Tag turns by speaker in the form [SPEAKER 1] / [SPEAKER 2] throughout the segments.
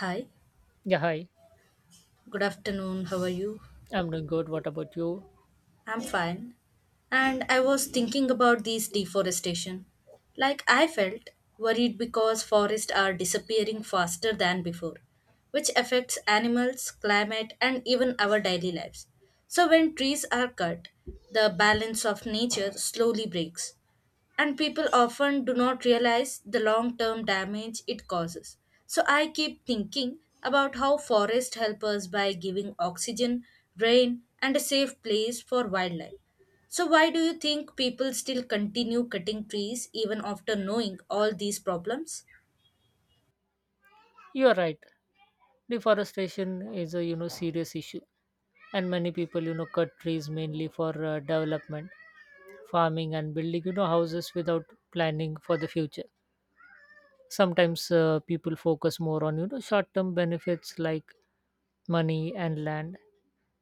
[SPEAKER 1] Hi,
[SPEAKER 2] Yeah, hi.
[SPEAKER 1] good afternoon. How are you?
[SPEAKER 2] I'm doing good. What about you?
[SPEAKER 1] I'm fine. And I was thinking about this deforestation. Like I felt worried because forests are disappearing faster than before, which affects animals, climate, and even our daily lives. So when trees are cut, the balance of nature slowly breaks. And people often do not realize the long term damage it causes. So I keep thinking about how forests help us by giving oxygen, rain, and a safe place for wildlife. So, why do you think people still continue cutting trees even after knowing all these problems?
[SPEAKER 2] You're right. Deforestation is a serious issue, and many people cut trees mainly for development, farming, and building houses without planning for the future. Sometimes people focus more on short-term benefits like money and land,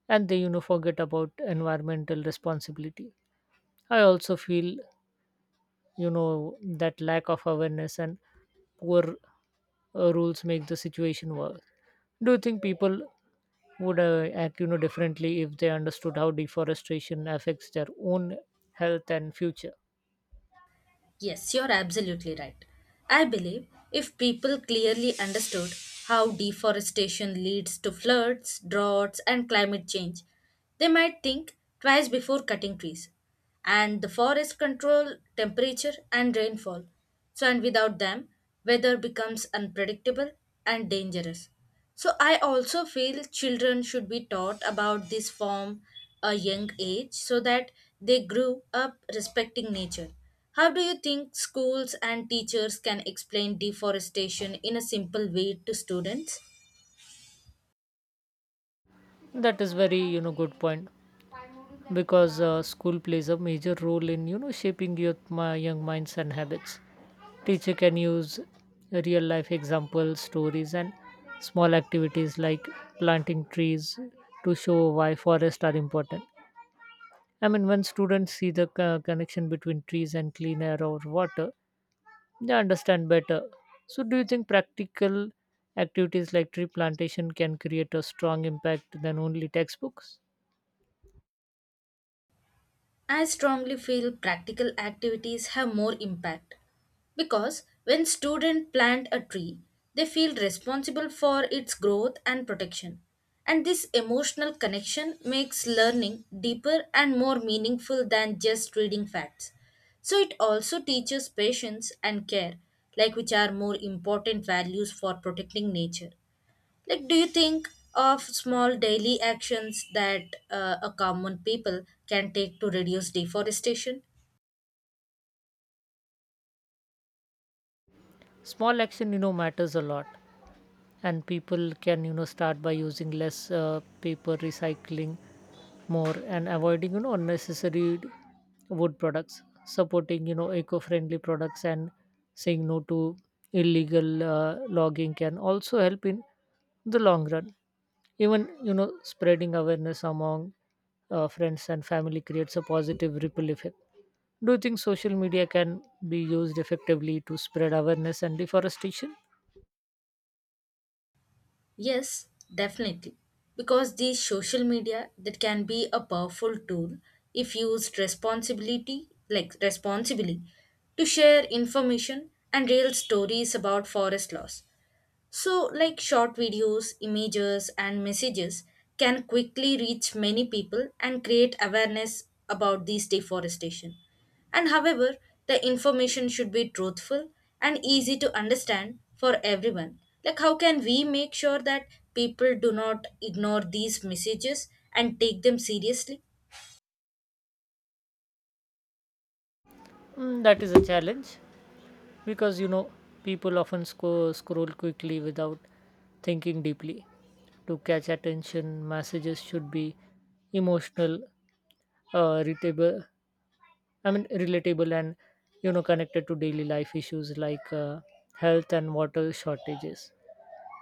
[SPEAKER 2] and they forget about environmental responsibility. I also feel that lack of awareness and poor rules make the situation worse. Do you think people would act differently if they understood how deforestation affects their own health and future?
[SPEAKER 1] Yes, you're absolutely right. I believe if people clearly understood how deforestation leads to floods, droughts, and climate change, they might think twice before cutting trees. And the forests control temperature and rainfall. So, and without them, weather becomes unpredictable and dangerous. So, I also feel children should be taught about this from a young age so that they grew up respecting nature. How do you think schools and teachers can explain deforestation in a simple way to students?
[SPEAKER 2] That is very good point because school plays a major role in shaping youth my young minds and habits. Teacher can use real life examples, stories, and small activities like planting trees to show why forests are important. I mean, when students see the connection between trees and clean air or water, they understand better. So, do you think practical activities like tree plantation can create a strong impact than only textbooks?
[SPEAKER 1] I strongly feel practical activities have more impact because when students plant a tree, they feel responsible for its growth and protection. And this emotional connection makes learning deeper and more meaningful than just reading facts. So it also teaches patience and care, like which are more important values for protecting nature. Like, do you think of small daily actions that a common people can take to reduce deforestation?
[SPEAKER 2] Small action matters a lot, and people can start by using less paper, recycling more, and avoiding unnecessary wood products. Supporting eco-friendly products and saying no to illegal logging can also help in the long run. Even spreading awareness among friends and family creates a positive ripple effect. Do you think social media can be used effectively to spread awareness and deforestation?
[SPEAKER 1] Yes, definitely. Because these social media that can be a powerful tool if used responsibility, like responsibly, to share information and real stories about forest loss. So, like short videos, images, and messages can quickly reach many people and create awareness about this deforestation. And however, the information should be truthful and easy to understand for everyone. Like, how can we make sure that people do not ignore these messages and take them seriously?
[SPEAKER 2] That is a challenge because people often scroll quickly without thinking deeply. To catch attention, messages should be emotional, uh, relatable, relatable and connected to daily life issues like health and water shortages.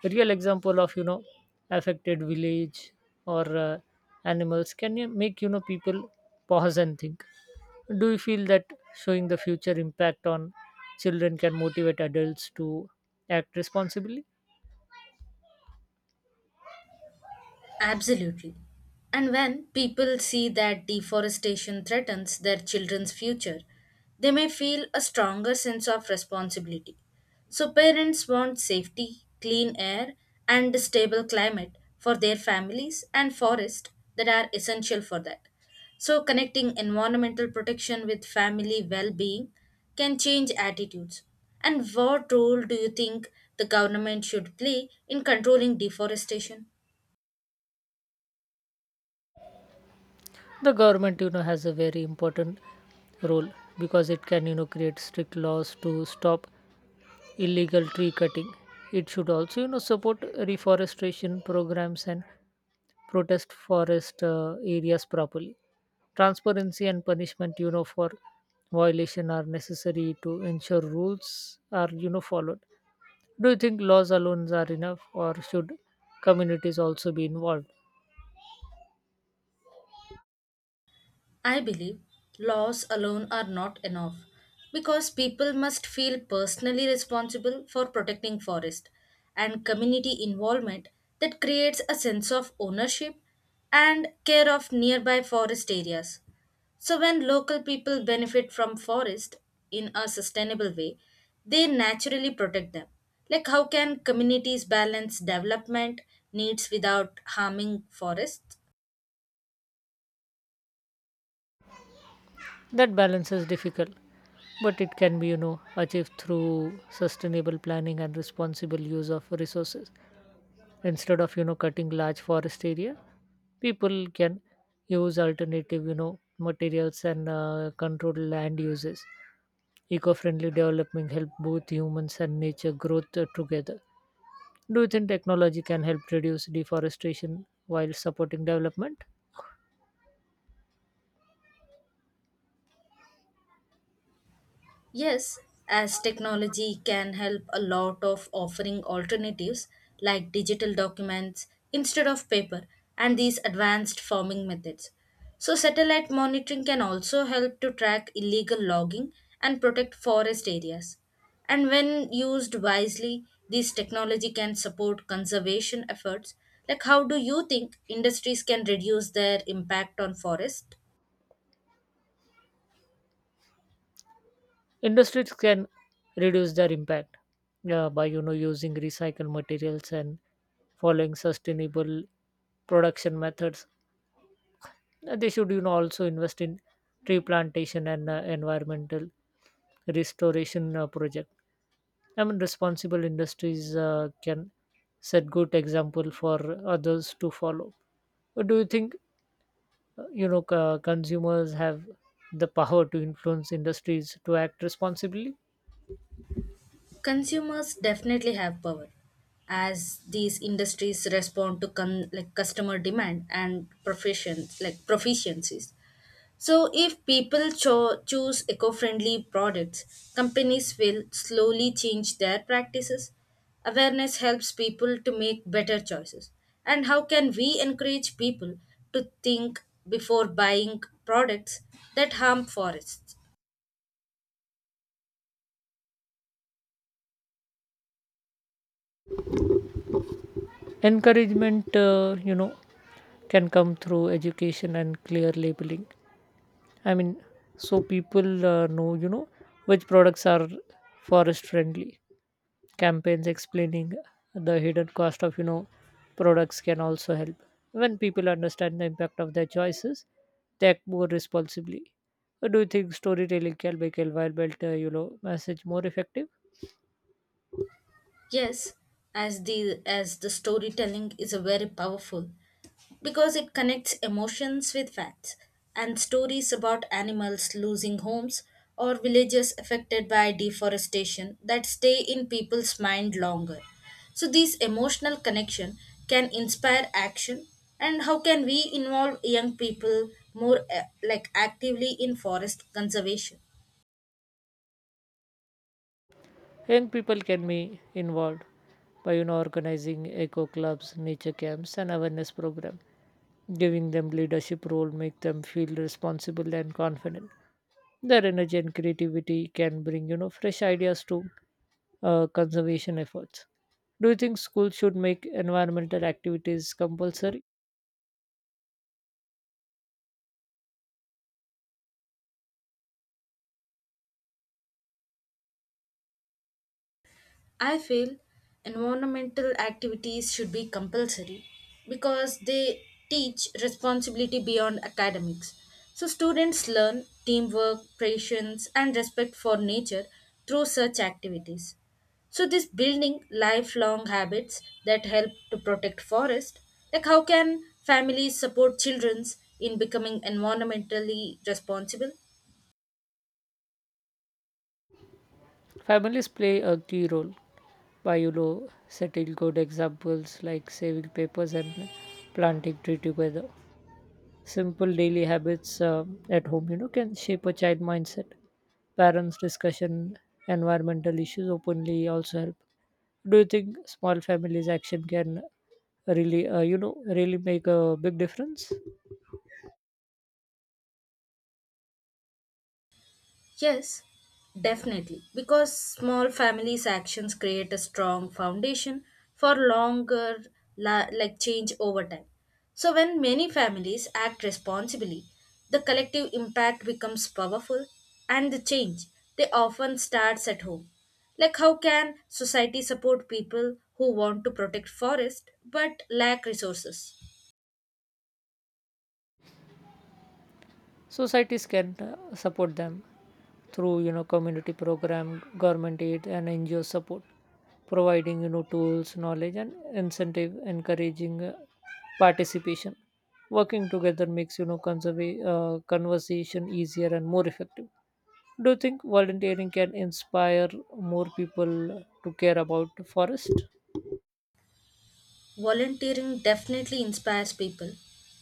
[SPEAKER 2] A real example of affected village or animals can you make people pause and think. Do you feel that showing the future impact on children can motivate adults to act responsibly?
[SPEAKER 1] Absolutely. And when people see that deforestation threatens their children's future, they may feel a stronger sense of responsibility. So, parents want safety, clean air, and a stable climate for their families and forests that are essential for that. So, connecting environmental protection with family well being can change attitudes. And what role do you think the government should play in controlling deforestation?
[SPEAKER 2] The government has a very important role because it can create strict laws to stop illegal tree cutting. It should also support reforestation programs and protest forest areas properly. Transparency and punishment for violation are necessary to ensure rules are followed. Do you think laws alone are enough, or should communities also be involved?
[SPEAKER 1] I believe laws alone are not enough because people must feel personally responsible for protecting forest and community involvement that creates a sense of ownership and care of nearby forest areas. So when local people benefit from forest in a sustainable way, they naturally protect them. Like how can communities balance development needs without harming forests?
[SPEAKER 2] That balance is difficult, but it can be achieved through sustainable planning and responsible use of resources. Instead of cutting large forest area, people can use alternative materials and control land uses. Eco-friendly development help both humans and nature growth together. Do you think technology can help reduce deforestation while supporting development?
[SPEAKER 1] Yes, as technology can help a lot of offering alternatives like digital documents instead of paper and these advanced farming methods. So, satellite monitoring can also help to track illegal logging and protect forest areas. And when used wisely, this technology can support conservation efforts. Like, how do you think industries can reduce their impact on forest?
[SPEAKER 2] Industries can reduce their impact by using recycled materials and following sustainable production methods. They should also invest in tree plantation and environmental restoration project. I mean, responsible industries can set good example for others to follow. But do you think consumers have the power to influence industries to act responsibly?
[SPEAKER 1] Consumers definitely have power as these industries respond to like customer demand and profession like proficiencies. So if people choose eco-friendly products, companies will slowly change their practices. Awareness helps people to make better choices. And how can we encourage people to think before buying products that harm forests?
[SPEAKER 2] Encouragement can come through education and clear labeling. I mean, so people know which products are forest friendly. Campaigns explaining the hidden cost of products can also help. When people understand the impact of their choices, they act more responsibly. Do you think storytelling can make a environmental message more effective?
[SPEAKER 1] Yes, as the storytelling is a very powerful because it connects emotions with facts and stories about animals losing homes or villages affected by deforestation that stay in people's mind longer. So these emotional connection can inspire action. And how can we involve young people more like actively in forest conservation?
[SPEAKER 2] Young people can be involved by organizing eco clubs, nature camps, and awareness programs. Giving them leadership role make them feel responsible and confident. Their energy and creativity can bring fresh ideas to conservation efforts. Do you think schools should make environmental activities compulsory?
[SPEAKER 1] I feel environmental activities should be compulsory because they teach responsibility beyond academics. So, students learn teamwork, patience, and respect for nature through such activities. So, this building lifelong habits that help to protect forest. Like how can families support children in becoming environmentally responsible?
[SPEAKER 2] Families play a key role by setting good examples like saving papers and planting tree together. Simple daily habits at home, can shape a child mindset. Parents' discussion environmental issues openly also help. Do you think small families' action can really make a big difference?
[SPEAKER 1] Yes, definitely. Because small families' actions create a strong foundation for longer like change over time. So when many families act responsibly, the collective impact becomes powerful and the change they often starts at home. Like how can society support people who want to protect forest but lack resources?
[SPEAKER 2] Societies can support them through community program, government aid, and ngo support, providing tools, knowledge, and incentive, encouraging participation. Working together makes conversation easier and more effective. Do you think volunteering can inspire more people to care about forest?
[SPEAKER 1] Volunteering definitely inspires people,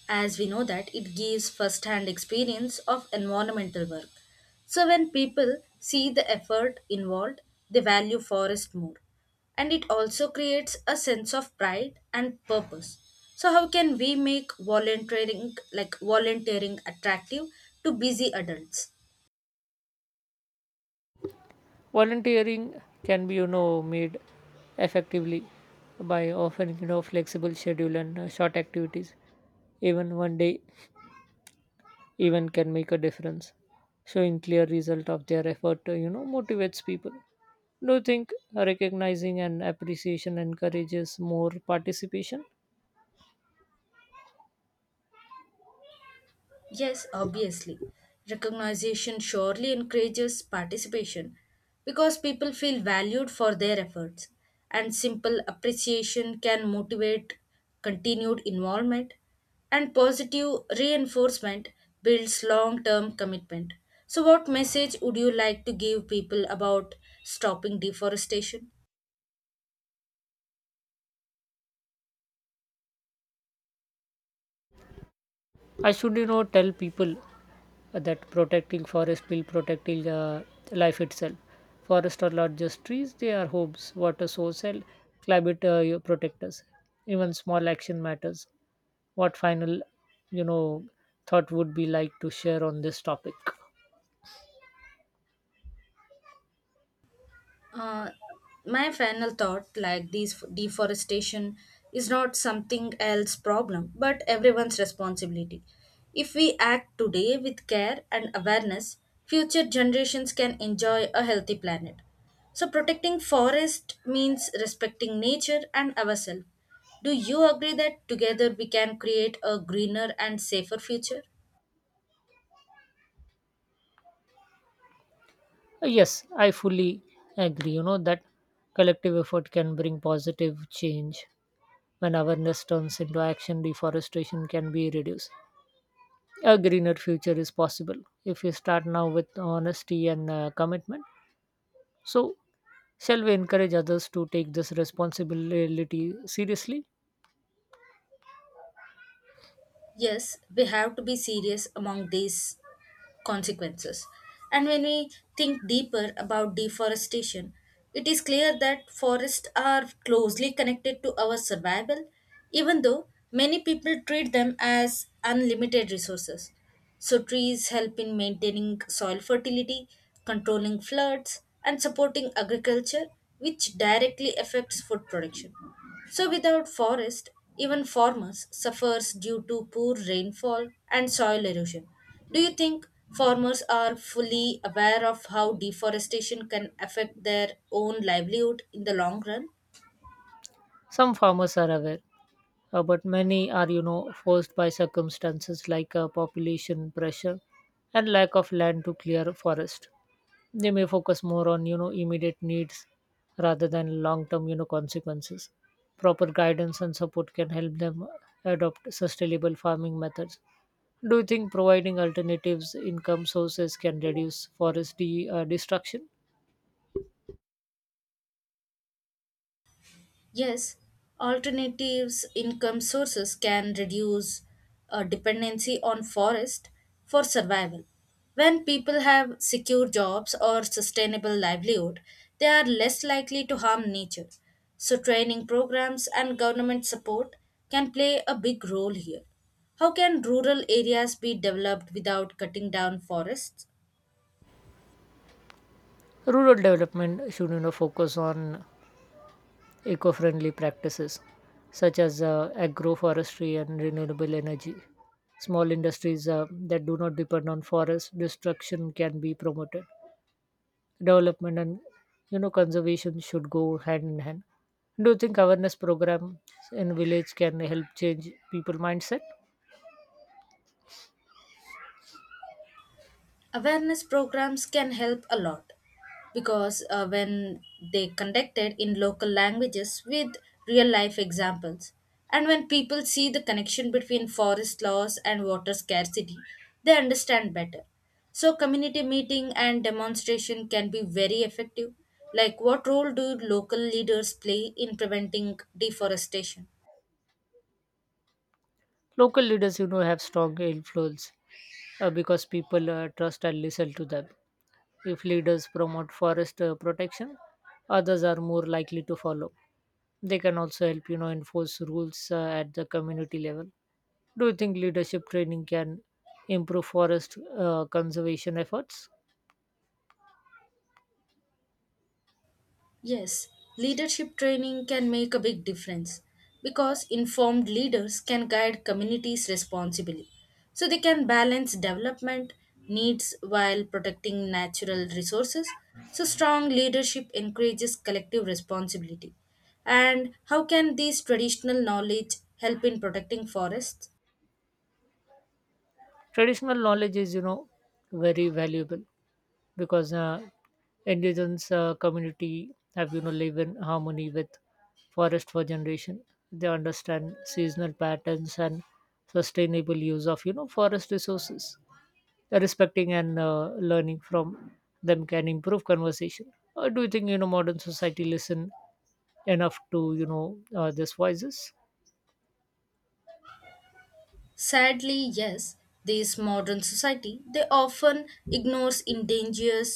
[SPEAKER 1] as we know that it gives first hand experience of environmental work. So, when people see the effort involved, they value forest more. And it also creates a sense of pride and purpose. So, how can we make volunteering like volunteering attractive to busy adults?
[SPEAKER 2] Volunteering can be made effectively by offering flexible schedule and short activities. Even one day even can make a difference. Showing clear result of their effort motivates people. Do you think recognizing and appreciation encourages more participation?
[SPEAKER 1] Yes, obviously. Recognition surely encourages participation because people feel valued for their efforts, and simple appreciation can motivate continued involvement, and positive reinforcement builds long term commitment. So, what message would you like to give people about stopping deforestation?
[SPEAKER 2] I should, tell people that protecting forest will protecting life itself. Forests are not just trees; they are homes, water source, and climate protectors. Even small action matters. What final, you know, thought would be like to share on this topic?
[SPEAKER 1] Uh, my final thought like these deforestation is not something else problem but everyone's responsibility. If we act today with care and awareness, future generations can enjoy a healthy planet. So protecting forest means respecting nature and ourselves. Do you agree that together we can create a greener and safer future?
[SPEAKER 2] Yes, I fully agree. You know that collective effort can bring positive change. When awareness turns into action, deforestation can be reduced. A greener future is possible if we start now with honesty and commitment. So, shall we encourage others to take this responsibility seriously?
[SPEAKER 1] Yes, we have to be serious among these consequences. And when we think deeper about deforestation, it is clear that forests are closely connected to our survival, even though many people treat them as unlimited resources. So, trees help in maintaining soil fertility, controlling floods, and supporting agriculture, which directly affects food production. So without forest, even farmers suffers due to poor rainfall and soil erosion. Do you think farmers are fully aware of how deforestation can affect their own livelihood in the long run?
[SPEAKER 2] Some farmers are aware, but many are, forced by circumstances like population pressure and lack of land to clear forest. They may focus more on, immediate needs rather than long-term, consequences. Proper guidance and support can help them adopt sustainable farming methods. Do you think providing alternatives income sources can reduce forest destruction?
[SPEAKER 1] Yes, alternatives income sources can reduce dependency on forest for survival. When people have secure jobs or sustainable livelihood, they are less likely to harm nature. So training programs and government support can play a big role here. How can rural areas be developed without cutting down forests?
[SPEAKER 2] Rural development should focus on eco-friendly practices such as agroforestry and renewable energy. Small industries that do not depend on forest destruction can be promoted. Development and conservation should go hand in hand. Do you think awareness program in village can help change people mindset?
[SPEAKER 1] Awareness programs can help a lot because when they conducted in local languages with real life examples, and when people see the connection between forest loss and water scarcity, they understand better. So community meeting and demonstration can be very effective. Like what role do local leaders play in preventing deforestation?
[SPEAKER 2] Local leaders, have strong influence because people trust and listen to them. If leaders promote forest protection, others are more likely to follow. They can also help, enforce rules at the community level. Do you think leadership training can improve forest conservation efforts?
[SPEAKER 1] Yes, leadership training can make a big difference because informed leaders can guide communities responsibly. So they can balance development needs while protecting natural resources. So strong leadership encourages collective responsibility. And how can these traditional knowledge help in protecting forests?
[SPEAKER 2] Traditional knowledge is, very valuable, because indigenous community have live in harmony with forest for generation. They understand seasonal patterns and sustainable use of forest resources. Respecting and learning from them can improve conversation. Or do you think modern society listen enough to these voices?
[SPEAKER 1] Sadly, yes, this modern society they often ignores endangered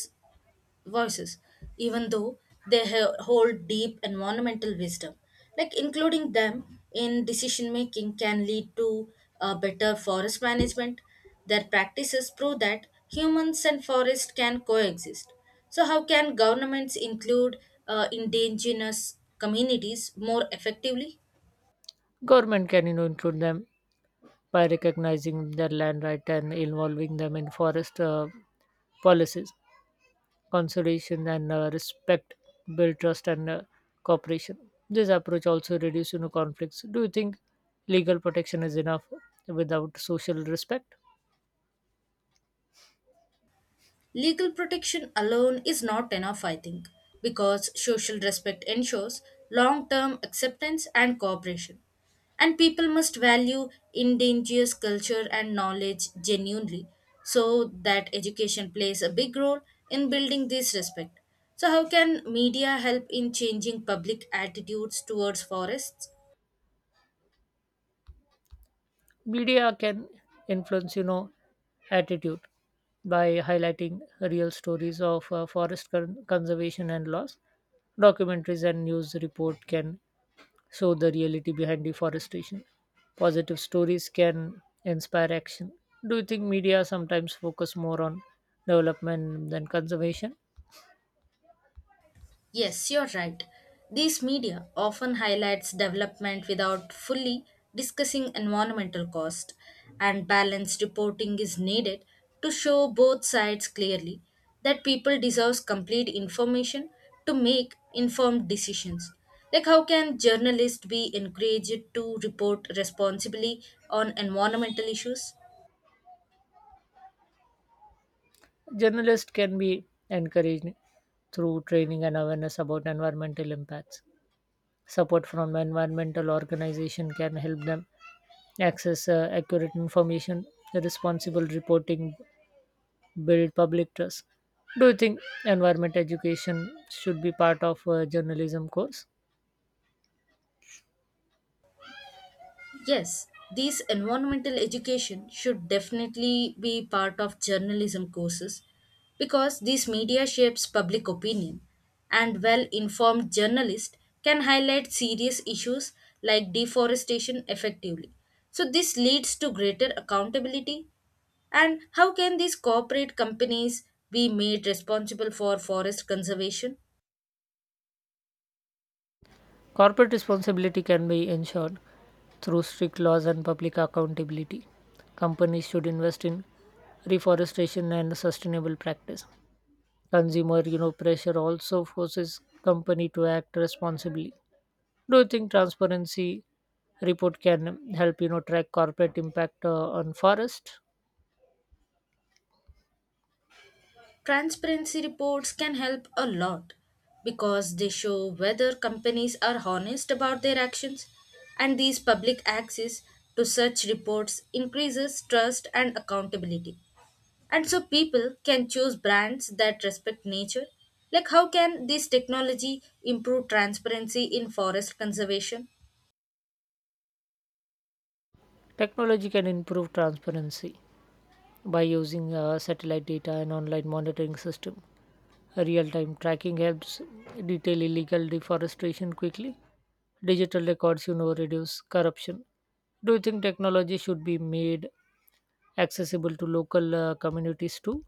[SPEAKER 1] voices, even though they hold deep environmental wisdom. Like including them in decision making can lead to better forest management. Their practices prove that humans and forests can coexist. So, how can governments include indigenous communities more effectively?
[SPEAKER 2] Government can include them by recognizing their land right and involving them in forest policies. Consolidation and respect build trust and cooperation. This approach also reduces conflicts. Do you think legal protection is enough without social respect?
[SPEAKER 1] Legal protection alone is not enough, I think, because social respect ensures long term acceptance and cooperation. And people must value indigenous culture and knowledge genuinely so that education plays a big role in building this respect. So, how can media help in changing public attitudes towards forests?
[SPEAKER 2] Media can influence attitude by highlighting real stories of forest conservation and loss. Documentaries and news report can show the reality behind deforestation. Positive stories can inspire action. Do you think media sometimes focus more on development than conservation?
[SPEAKER 1] Yes, you're right. These media often highlights development without fully discussing environmental cost, and balanced reporting is needed to show both sides clearly that people deserve complete information to make informed decisions. Like how can journalists be encouraged to report responsibly on environmental issues?
[SPEAKER 2] Journalists can be encouraged through training and awareness about environmental impacts. Support from environmental organization can help them access accurate information, responsible reporting, build public trust. Do you think environment education should be part of a journalism course?
[SPEAKER 1] Yes, these environmental education should definitely be part of journalism courses because these media shapes public opinion and well-informed journalists can highlight serious issues like deforestation effectively. So this leads to greater accountability. And how can these corporate companies be made responsible for forest conservation?
[SPEAKER 2] Corporate responsibility can be ensured through strict laws and public accountability. Companies should invest in reforestation and sustainable practice. Consumer, pressure also forces company to act responsibly. Do you think transparency report can help, track corporate impact on forest?
[SPEAKER 1] Transparency reports can help a lot because they show whether companies are honest about their actions, and these public access to such reports increases trust and accountability. And so people can choose brands that respect nature. Like, how can this technology improve transparency in forest conservation?
[SPEAKER 2] Technology can improve transparency by using satellite data and online monitoring system. Real time tracking helps detail illegal deforestation quickly. Digital records, reduce corruption. Do you think technology should be made accessible to local communities too?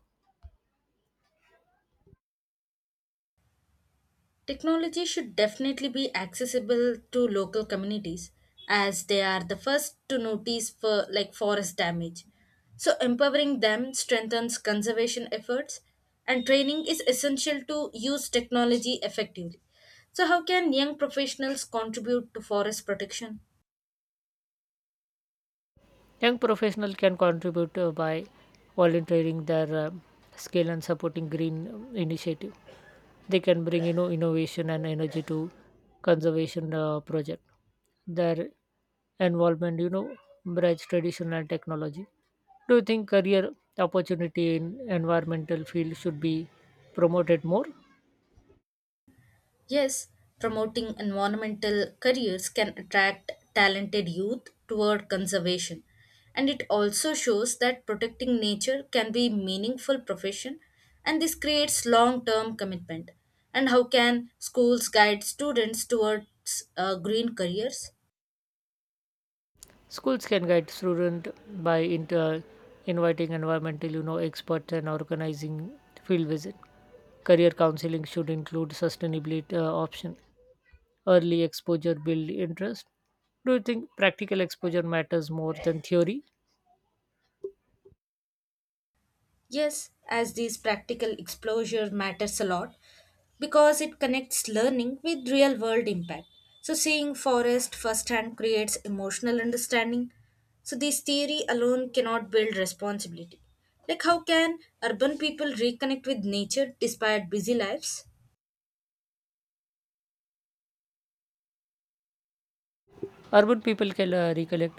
[SPEAKER 1] Technology should definitely be accessible to local communities as they are the first to notice for like forest damage. So empowering them strengthens conservation efforts and training is essential to use technology effectively. So how can young professionals contribute to forest protection?
[SPEAKER 2] Young professionals can contribute by volunteering their skill and supporting green initiative. They can bring innovation and energy to conservation project. Their involvement bridge tradition and technology. Do you think career opportunity in environmental field should be promoted more?
[SPEAKER 1] Yes, promoting environmental careers can attract talented youth toward conservation. And it also shows that protecting nature can be meaningful profession and this creates long-term commitment. And how can schools guide students towards green careers?
[SPEAKER 2] Schools can guide student by inviting environmental experts and organizing field visit. Career counseling should include sustainability option. Early exposure build interest? Do you think practical exposure matters more than theory?
[SPEAKER 1] Yes, as these practical exposure matters a lot because it connects learning with real world impact. So seeing forest firsthand creates emotional understanding. So this theory alone cannot build responsibility. Like how can urban people reconnect with nature despite busy lives?
[SPEAKER 2] Urban people can recollect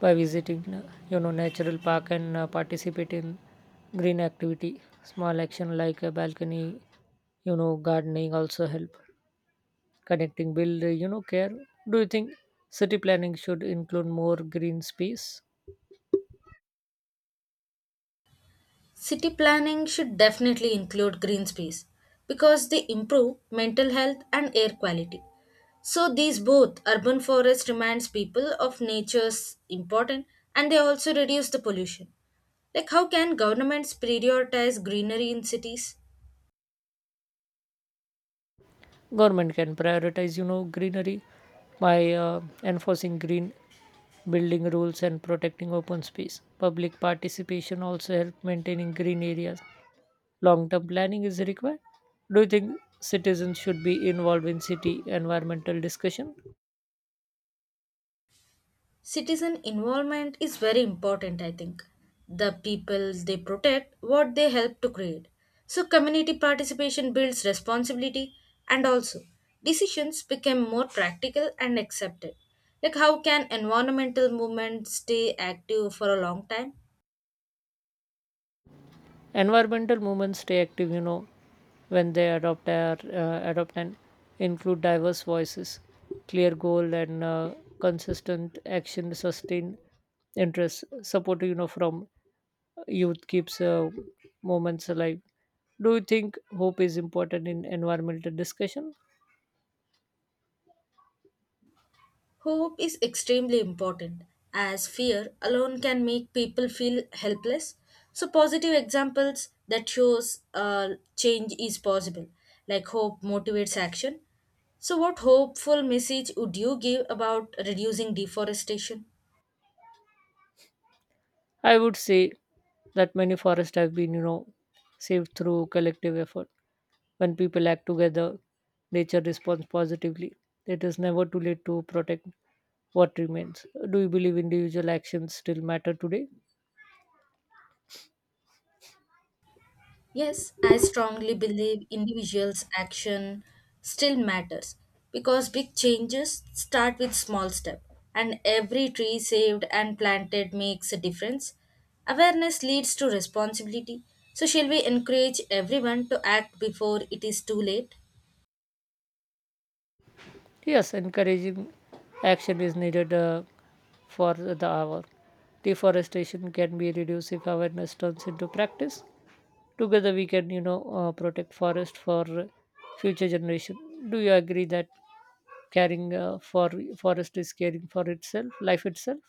[SPEAKER 2] by visiting, natural park and participate in green activity. Small action like a balcony, gardening also help. Connecting build, care. Do you think city planning should include more green space?
[SPEAKER 1] City planning should definitely include green space because they improve mental health and air quality. So these both urban forest reminds people of nature's importance and they also reduce the pollution. Like how can governments prioritize greenery in cities?
[SPEAKER 2] Government can prioritize greenery by enforcing green building rules and protecting open space. Public participation also help maintaining green areas. Long term planning is required. Do you think citizens should be involved in city environmental discussion?
[SPEAKER 1] Citizen involvement is very important, I think. The people they protect what they help to create, so community participation builds responsibility, and also decisions become more practical and accepted. Like how can environmental movements stay active for a long time?
[SPEAKER 2] Environmental movements stay active when they adopt and include diverse voices. Clear goal and consistent action sustain interest. Support from youth keeps moments alive. Do you think hope is important in environmental discussion?
[SPEAKER 1] Hope is extremely important, as fear alone can make people feel helpless. So, positive examples that shows change is possible, like hope motivates action. So, what hopeful message would you give about reducing deforestation?
[SPEAKER 2] I would say that many forests have been, saved through collective effort. When people act together, nature responds positively. It is never too late to protect what remains. Do you believe individual actions still matter today?
[SPEAKER 1] Yes, I strongly believe individuals' action still matters because big changes start with small step and every tree saved and planted makes a difference. Awareness leads to responsibility. So shall we encourage everyone to act before it is too late?
[SPEAKER 2] Yes, encouraging action is needed for the hour. Deforestation can be reduced if awareness turns into practice. Together, we can, protect forest for future generation. Do you agree that caring for forest is caring for itself life itself?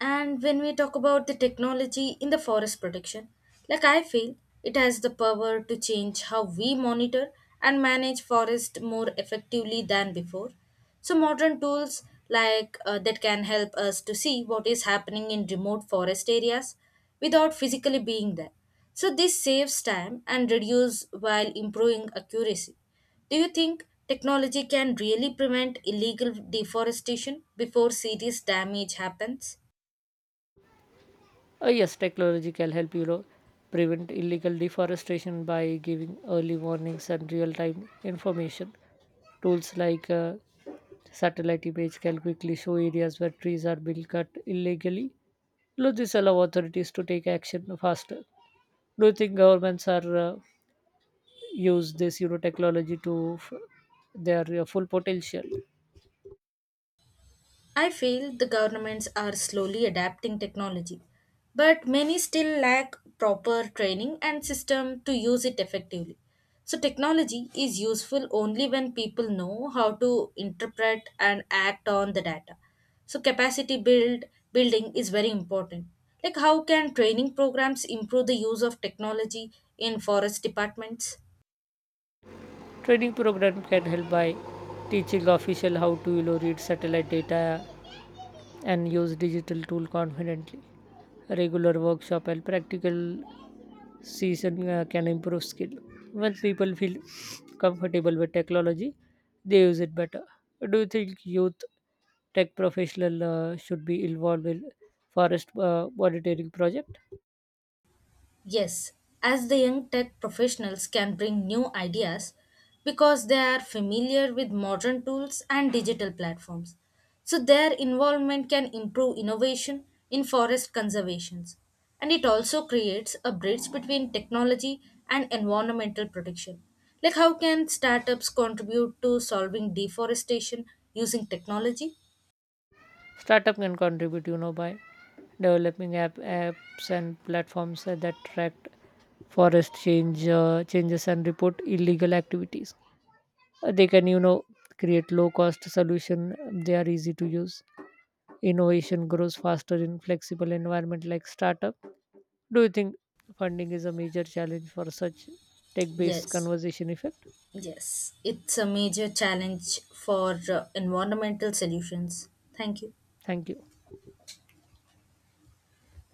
[SPEAKER 1] And when we talk about the technology in the forest protection, like I feel it has the power to change how we monitor and manage forest more effectively than before. So modern tools like that can help us to see what is happening in remote forest areas without physically being there. So this saves time and reduce while improving accuracy. Do you think technology can really prevent illegal deforestation before serious damage happens?
[SPEAKER 2] Yes, technology can help prevent illegal deforestation by giving early warnings and real-time information. Tools like satellite image can quickly show areas where trees are being cut illegally. This allow authorities to take action faster. Do you think governments are use this technology to their full potential?
[SPEAKER 1] I feel the governments are slowly adapting technology, but many still lack proper training and system to use it effectively. So technology is useful only when people know how to interpret and act on the data. So capacity building is very important. Like how can training programs improve the use of technology in forest departments?
[SPEAKER 2] Training program can help by teaching official how to, read satellite data and use digital tool confidently. Regular workshop and practical season can improve skill. Once people feel comfortable with technology, they use it better. Do you think youth tech professional should be involved in forest monitoring project?
[SPEAKER 1] Yes, as the young tech professionals can bring new ideas because they are familiar with modern tools and digital platforms. So their involvement can improve innovation in forest conservations. And it also creates a bridge between technology and environmental protection. Like how can startups contribute to solving deforestation using technology?
[SPEAKER 2] Startup can contribute, by developing apps and platforms that track forest changes and report illegal activities. They can, create low-cost solution. They are easy to use. Innovation grows faster in flexible environment like startup. Do you think funding is a major challenge for such tech-based
[SPEAKER 1] Yes.
[SPEAKER 2] conversation effect?
[SPEAKER 1] Yes, it's a major challenge for environmental solutions. Thank you.
[SPEAKER 2] Thank you.